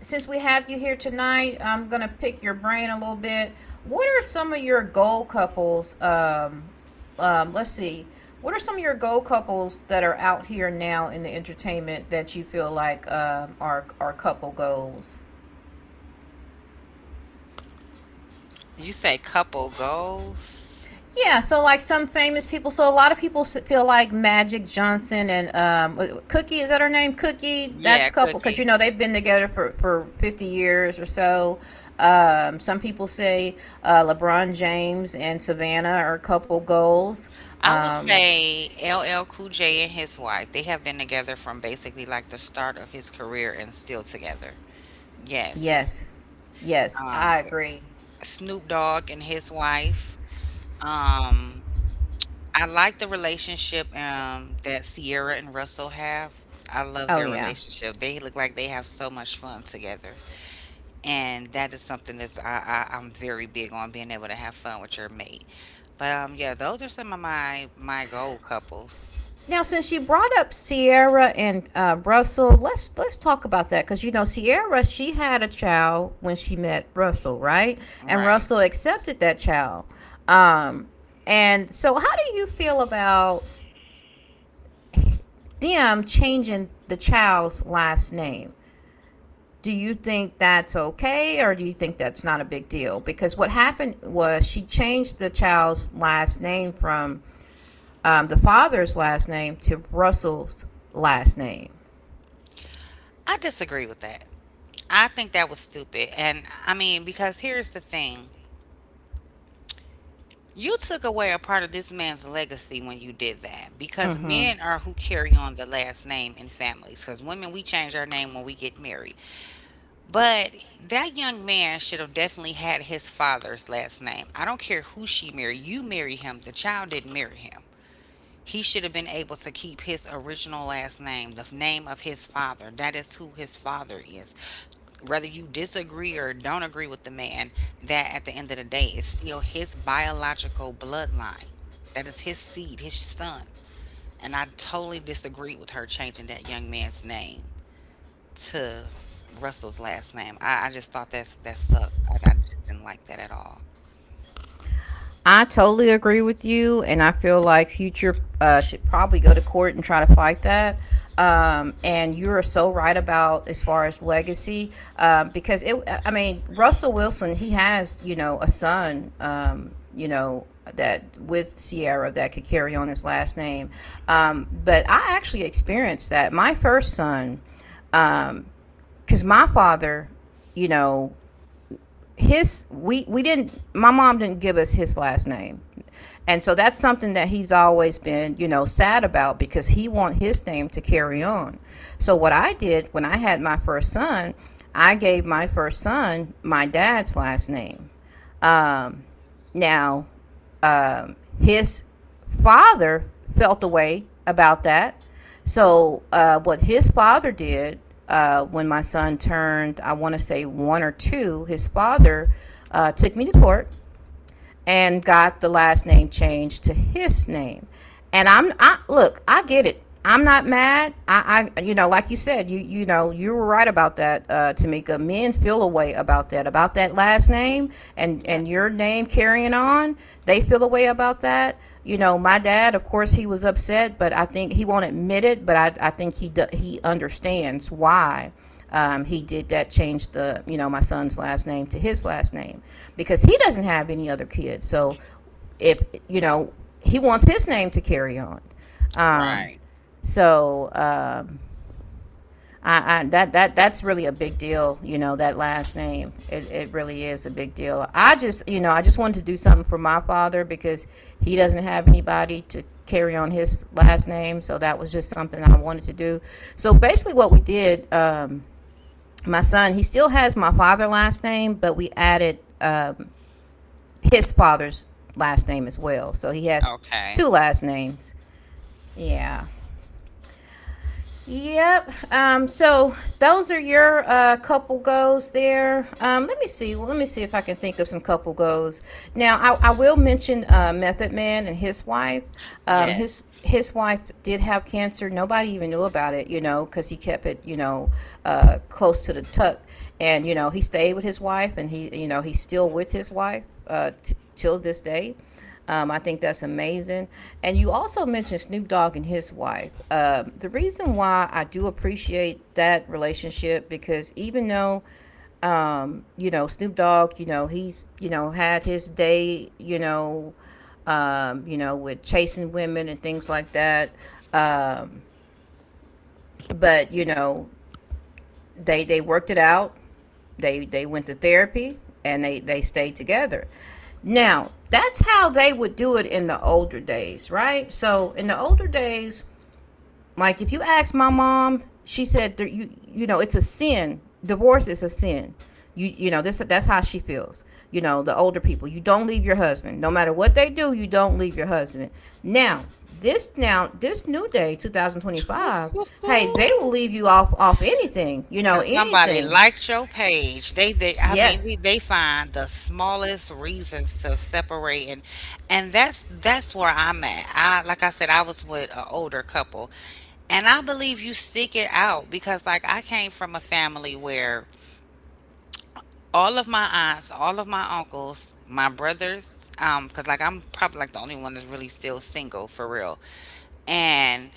Since we have you here tonight, I'm gonna pick your brain a little bit. What are some of your goal couples? Let's see. What are some of your goal couples that are out here now in the entertainment that you feel like are couple goals? you say couple goals? Yeah, so like some famous people, so a lot of people feel like Magic Johnson and Cookie, is that her name? Cookie, that's Yeah, a couple because you Cookie. know they've been together for 50 years or so. Some people say LeBron James and Savannah are couple goals. I would Um, say LL Cool J and his wife. They have been together from basically like the start of his career and still together. Yes. yes, yes, Um, I agree. Snoop Dogg and his wife. Um, I like the relationship that Sierra and Russell have. I love Oh their yeah. relationship. They look like they have so much fun together, and that is something that's I'm very big on being able to have fun with your mate. But yeah, those are some of my goal couples. Now, since you brought up Sierra and Russell, let's talk about that, because you know Sierra, she had a child when she met Russell, right? And Right. Russell accepted that child. Um, and so, how do you feel about them changing the child's last name? Do you think that's okay, or do you think that's not a big deal? Because what happened was she changed the child's last name from the father's last name to Russell's last name. I disagree with that. I think that was stupid, and I mean because here's the thing. You took away a part of this man's legacy when you did that because Mm-hmm. men are who carry on the last name in families. Because women, we change our name when we get married. But that young man should have definitely had his father's last name. I don't care who she married. You marry him. The child didn't marry him. He should have been able to keep his original last name, the name of his father. That is who his father is, whether you disagree or don't agree with the man, that at the end of the day is still his biological bloodline. That is his seed, his son. And I totally disagree with her changing that young man's name to Russell's last name. I just thought that's that sucked. I just didn't like that at all. I totally agree with you, and I feel like Future should probably go to court and try to fight that. And you are so right about as far as legacy, because it. I mean, Russell Wilson, he has a son, that with Sierra that could carry on his last name. But I actually experienced that. My first son, because my father, you know, his we didn't my mom didn't give us his last name, and so that's something that he's always been sad about because he want his name to carry on. So what I did when I had my first son, I gave my first son my dad's last name. Um, now His father felt a way about that. So, what his father did when my son turned, I want to say one or two, his father took me to court and got the last name changed to his name. And I look, I get it. I'm not mad. I, you know, like you said, you were right about that, Tamika. Men feel a way about that last name, and Yeah. and your name carrying on. They feel a way about that. You know, my dad, of course, he was upset, but I think he won't admit it. But I think he understands why, he did that changed the my son's last name to his last name, because he doesn't have any other kids. So if you know, he wants his name to carry on. um, Right. so um that that's really a big deal, you know, that last name. It really is a big deal. I just, you know, I just wanted to do something for my father because he doesn't have anybody to carry on his last name, so that was just something I wanted to do. So basically what we did, my son, he still has my father last name, but we added, his father's last name as well. So he has Okay. two last names. Yeah. Yep. So those are your couple goals there. Let me see. Well, let me see if I can think of some couple goals. Now, I will mention Method Man and his wife. Um, his Yes. his wife did have cancer. Nobody even knew about it, you know, because he kept it, you know, close to the tuck. And you know, he stayed with his wife, and he, you know, he's still with his wife t- till this day. I think that's amazing. And you also mentioned Snoop Dogg and his wife. The reason why I do appreciate that relationship because even though, you know, Snoop Dogg, you know, he's, you know, had his day, you know, with chasing women and things like that. Um, but, you know, they worked it out. They went to therapy and they stayed together. Now, that's how they would do it in the older days, right? So, in the older days, like if you ask my mom, she said, it's a sin. Divorce is a sin. This that's how she feels. You know, the older people, you don't leave your husband. No matter what they do, you don't leave your husband. Now, this new day 2025, hey, they (laughs) will leave you off anything, you know, Cause somebody anything. liked your page. They they I mean Yes. they, they find the smallest reasons to separate, and that's where I'm at. I said, I was with an older couple. And I believe you stick it out because like I came from a family where all of my aunts, all of my uncles, my brothers, because like I'm probably like the only one that's really still single for real. And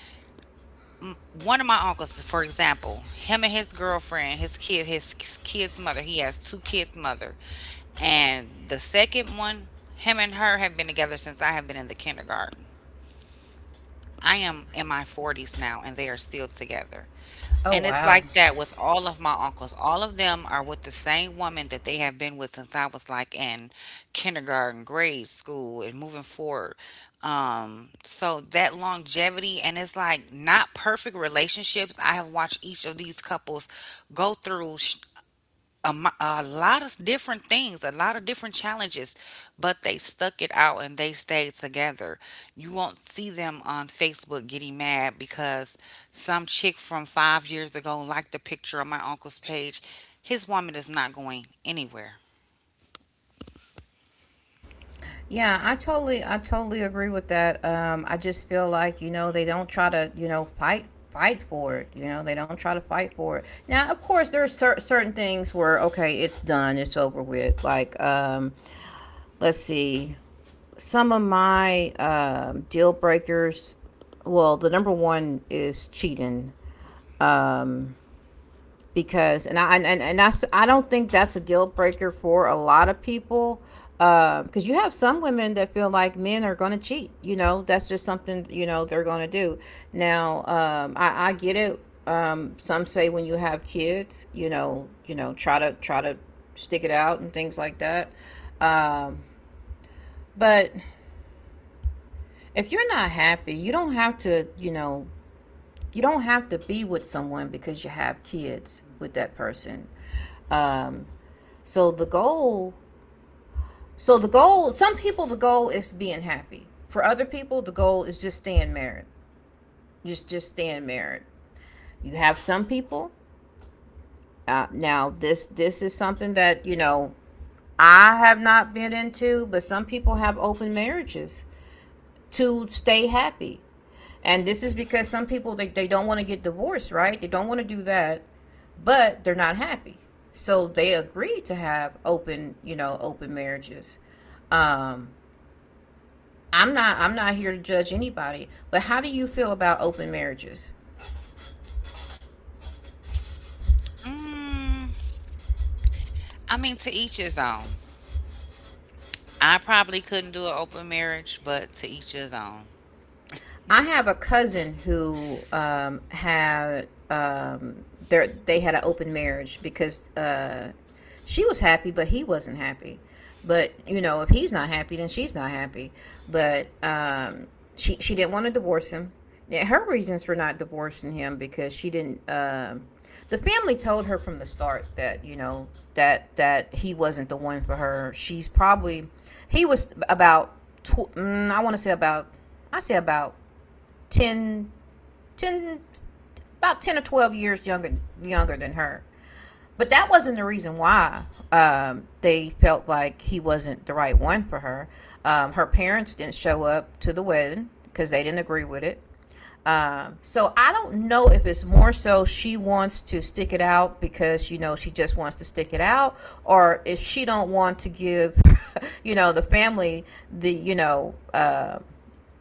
one of my uncles, for example, him and his girlfriend, his kid, his kid's mother, he has two kids' mother. And the second one, him and her have been together since I have been in the kindergarten. I am in my 40s now and they are still together. Oh And it's wow. like that with all of my uncles. All of them are with the same woman that they have been with since I was like in kindergarten, grade school, and moving forward. So that longevity, and it's like not perfect relationships. I have watched each of these couples go through a lot of different things, a lot of different challenges, but they stuck it out and they stayed together. You won't see them on Facebook getting mad because some chick from 5 years ago liked a picture on my uncle's page. His woman is not going anywhere. Yeah, I totally agree with that. Um, I just feel like, you know, they don't try to, you know, fight for it, you know, they don't try to fight for it. Now, of course, there are cer- certain things where okay, it's done, it's over with. Like, um, let's see. Some of my deal breakers, well, the number one is cheating. Um, because and I and that's I don't think that's a deal breaker for a lot of people. Because you have some women that feel like men are going to cheat. You know, that's just something you know they're going to do. Now, I get it. Some say when you have kids, you know, try to stick it out and things like that. Um, but if you're not happy, you don't have to, you know, you don't have to be with someone because you have kids with that person. Um, So the goal, so the goal, some people the goal is being happy. For other people, the goal is just staying married. Just staying married. You have some people. Now this is something that you know I have not been into, but some people have open marriages to stay happy. And this is because some people they don't want to get divorced, right? They don't want to do that, but they're not happy. So they agree to have open, you know, open marriages. Um, I'm not here to judge anybody, but how do you feel about open marriages? Mm, I mean, to each his own. I probably couldn't do an open marriage, but to each his own. I have a cousin who had they had an open marriage because she was happy, but he wasn't happy. But you know, if he's not happy, then she's not happy. But she didn't want to divorce him. Yeah, her reasons for not divorcing him because she didn't. The family told her from the start that you know that he wasn't the one for her. She's probably he was about I want to say about I say about 10, 10, about 10 or 12 years younger than her. But that wasn't the reason why, they felt like he wasn't the right one for her. Her parents didn't show up to the wedding because they didn't agree with it. So I don't know if it's more so she wants to stick it out because you know she just wants to stick it out, or if she don't want to give, (laughs) you know, the family, the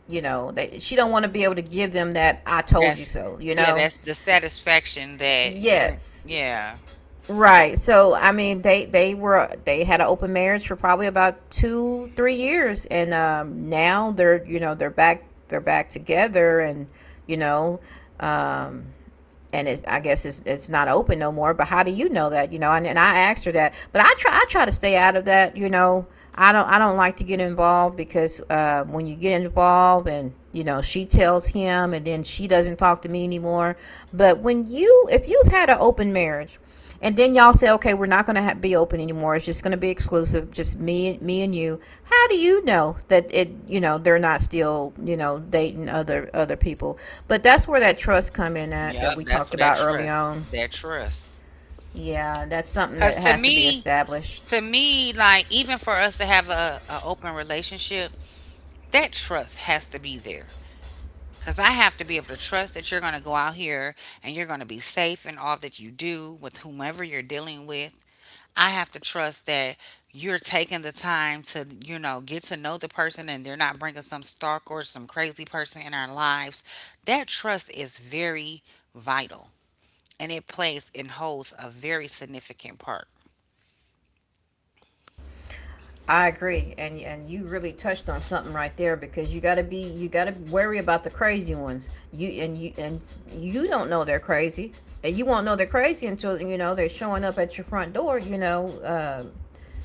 you know that she don't want to be able to give them that I told you That's, so, you yeah, know. that's the satisfaction that you, Yes. yeah, Right. So I mean they were they had an open marriage for probably about two, three years, and now they're you know they're back together. And you know, um, and it's, I guess it's not open no more. But how do you know that? You know, and I asked her that, but I try to stay out of that. You know, I don't like to get involved because when you get involved and you know she tells him and then she doesn't talk to me anymore. But when you, if you've had an open marriage and then y'all say, okay, we're not going to be open anymore. It's just going to be exclusive, just me and you. How do you know that it, you know, they're not still, you know, dating other people? But that's where that trust come in at yep, that we that's talked what that about early on. that trust. Yeah, that's something that Cause has to be established. to me, like even for us to have a open relationship, that trust has to be there. Cause I have to be able to trust that you're gonna go out here and you're gonna be safe in all that you do with whomever you're dealing with. I have to trust that you're taking the time to, you know, get to know the person and they're not bringing some stalker or some crazy person in our lives. That trust is very vital, and it plays and holds a very significant part. I agree, and you really touched on something right there because you got to worry about the crazy ones. You don't know they're crazy, and you won't know they're crazy until you know they're showing up at your front door.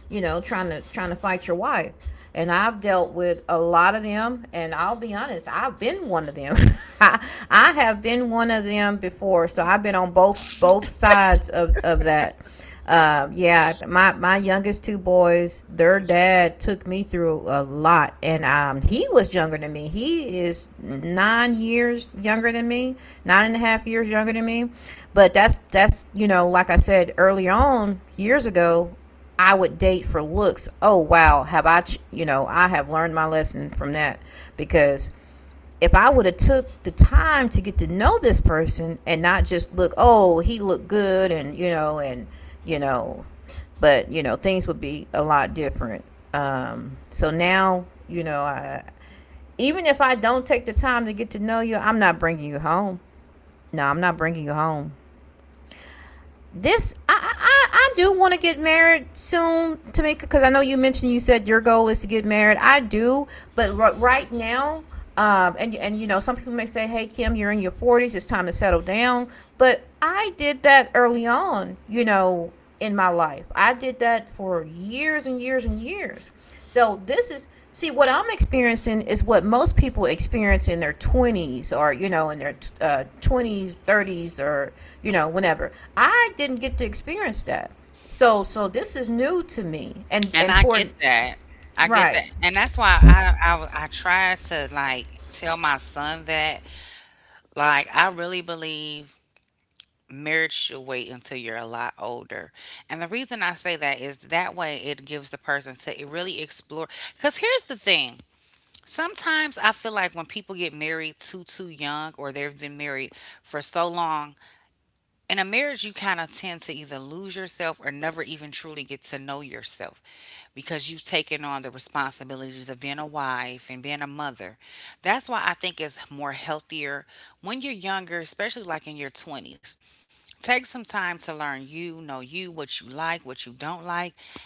You know, trying to fight your wife. And I've dealt with a lot of them, and I'll be honest, I've been one of them. (laughs) (laughs) I have been one of them before, so I've been on both sides of that. Yeah, my my youngest two boys, their dad took me through a lot, and he was younger than me. He is 9 years younger than me, nine and a half years younger than me. But that's you know, like I said early on years ago, I would date for looks. Oh wow, have I? Ch- You know, I have learned my lesson from that because if I would have took the time to get to know this person and not just look, oh, he looked good and you know, but you know things would be a lot different. So now you know, I, even if I don't take the time to get to know you, I'm not bringing you home. No, I'm not bringing you home. I do want to get married soon, Tamika, because I know you mentioned you said your goal is to get married. I do, but r- right now, and you know, some people may say, "Hey, Kim, you're in your 40s. It's time to settle down." But I did that early on, you know, in my life. I did that for years and years and years. So this is see what I'm experiencing is what most people experience in their 20s or you know in their 20s, 30s or you know whenever. I didn't get to experience that. So so this is new to me And and I for get that. I get right. that. And that's why I try to like tell my son that, like, I really believe marriage should wait until you're a lot older. And the reason I say that is that way it gives the person to really explore, cuz here's the thing. Sometimes I feel like when people get married too young, or they've been married for so long, in a marriage you kind of tend to either lose yourself or never even truly get to know yourself because you've taken on the responsibilities of being a wife and being a mother. That's why I think it's more healthier when you're younger, especially like in your 20s. Take some time to learn, you know, you what you like, what you don't like.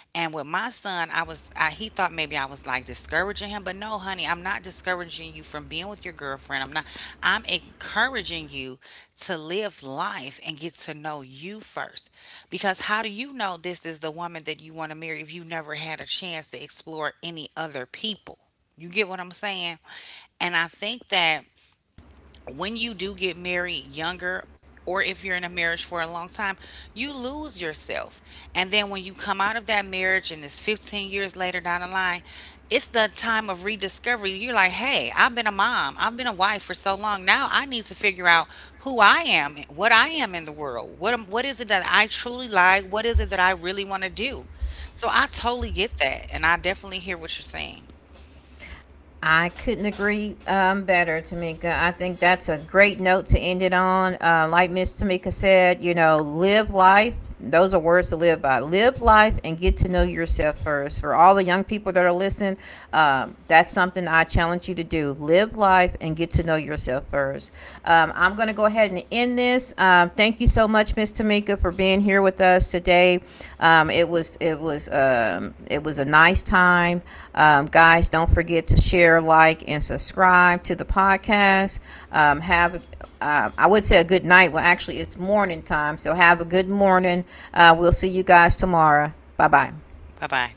And with my son, he thought maybe I was like discouraging him, but no, honey, I'm not discouraging you from being with your girlfriend. I'm not, I'm encouraging you to live life and get to know you first, because how do you know this is the woman that you want to marry if you never had a chance to explore any other people? You get what I'm saying? And I think that when you do get married younger, or if you're in a marriage for a long time, you lose yourself. And then when you come out of that marriage and it's 15 years later down the line, it's the time of rediscovery. You're like, hey, I've been a mom, I've been a wife for so long. Now I need to figure out who I am, what I am in the world. What is it that I truly like? What is it that I really want to do? So I totally get that. And I definitely hear what you're saying. I couldn't agree better, Tamika. I think that's a great note to end it on. Like Miss Tamika said, you know, live life. Those are words to live by. Live life and get to know yourself first. For all the young people that are listening, that's something I challenge you to do. Live life and get to know yourself first. I'm going to go ahead and end this business. Thank you so much, Miss Tamika, for being here with us today. It was it was a nice time, guys. Don't forget to share, like, and subscribe to the podcast. Have I would say a good night. Well, actually, it's morning time, so have a good morning. We'll see you guys tomorrow. Bye bye. Bye bye.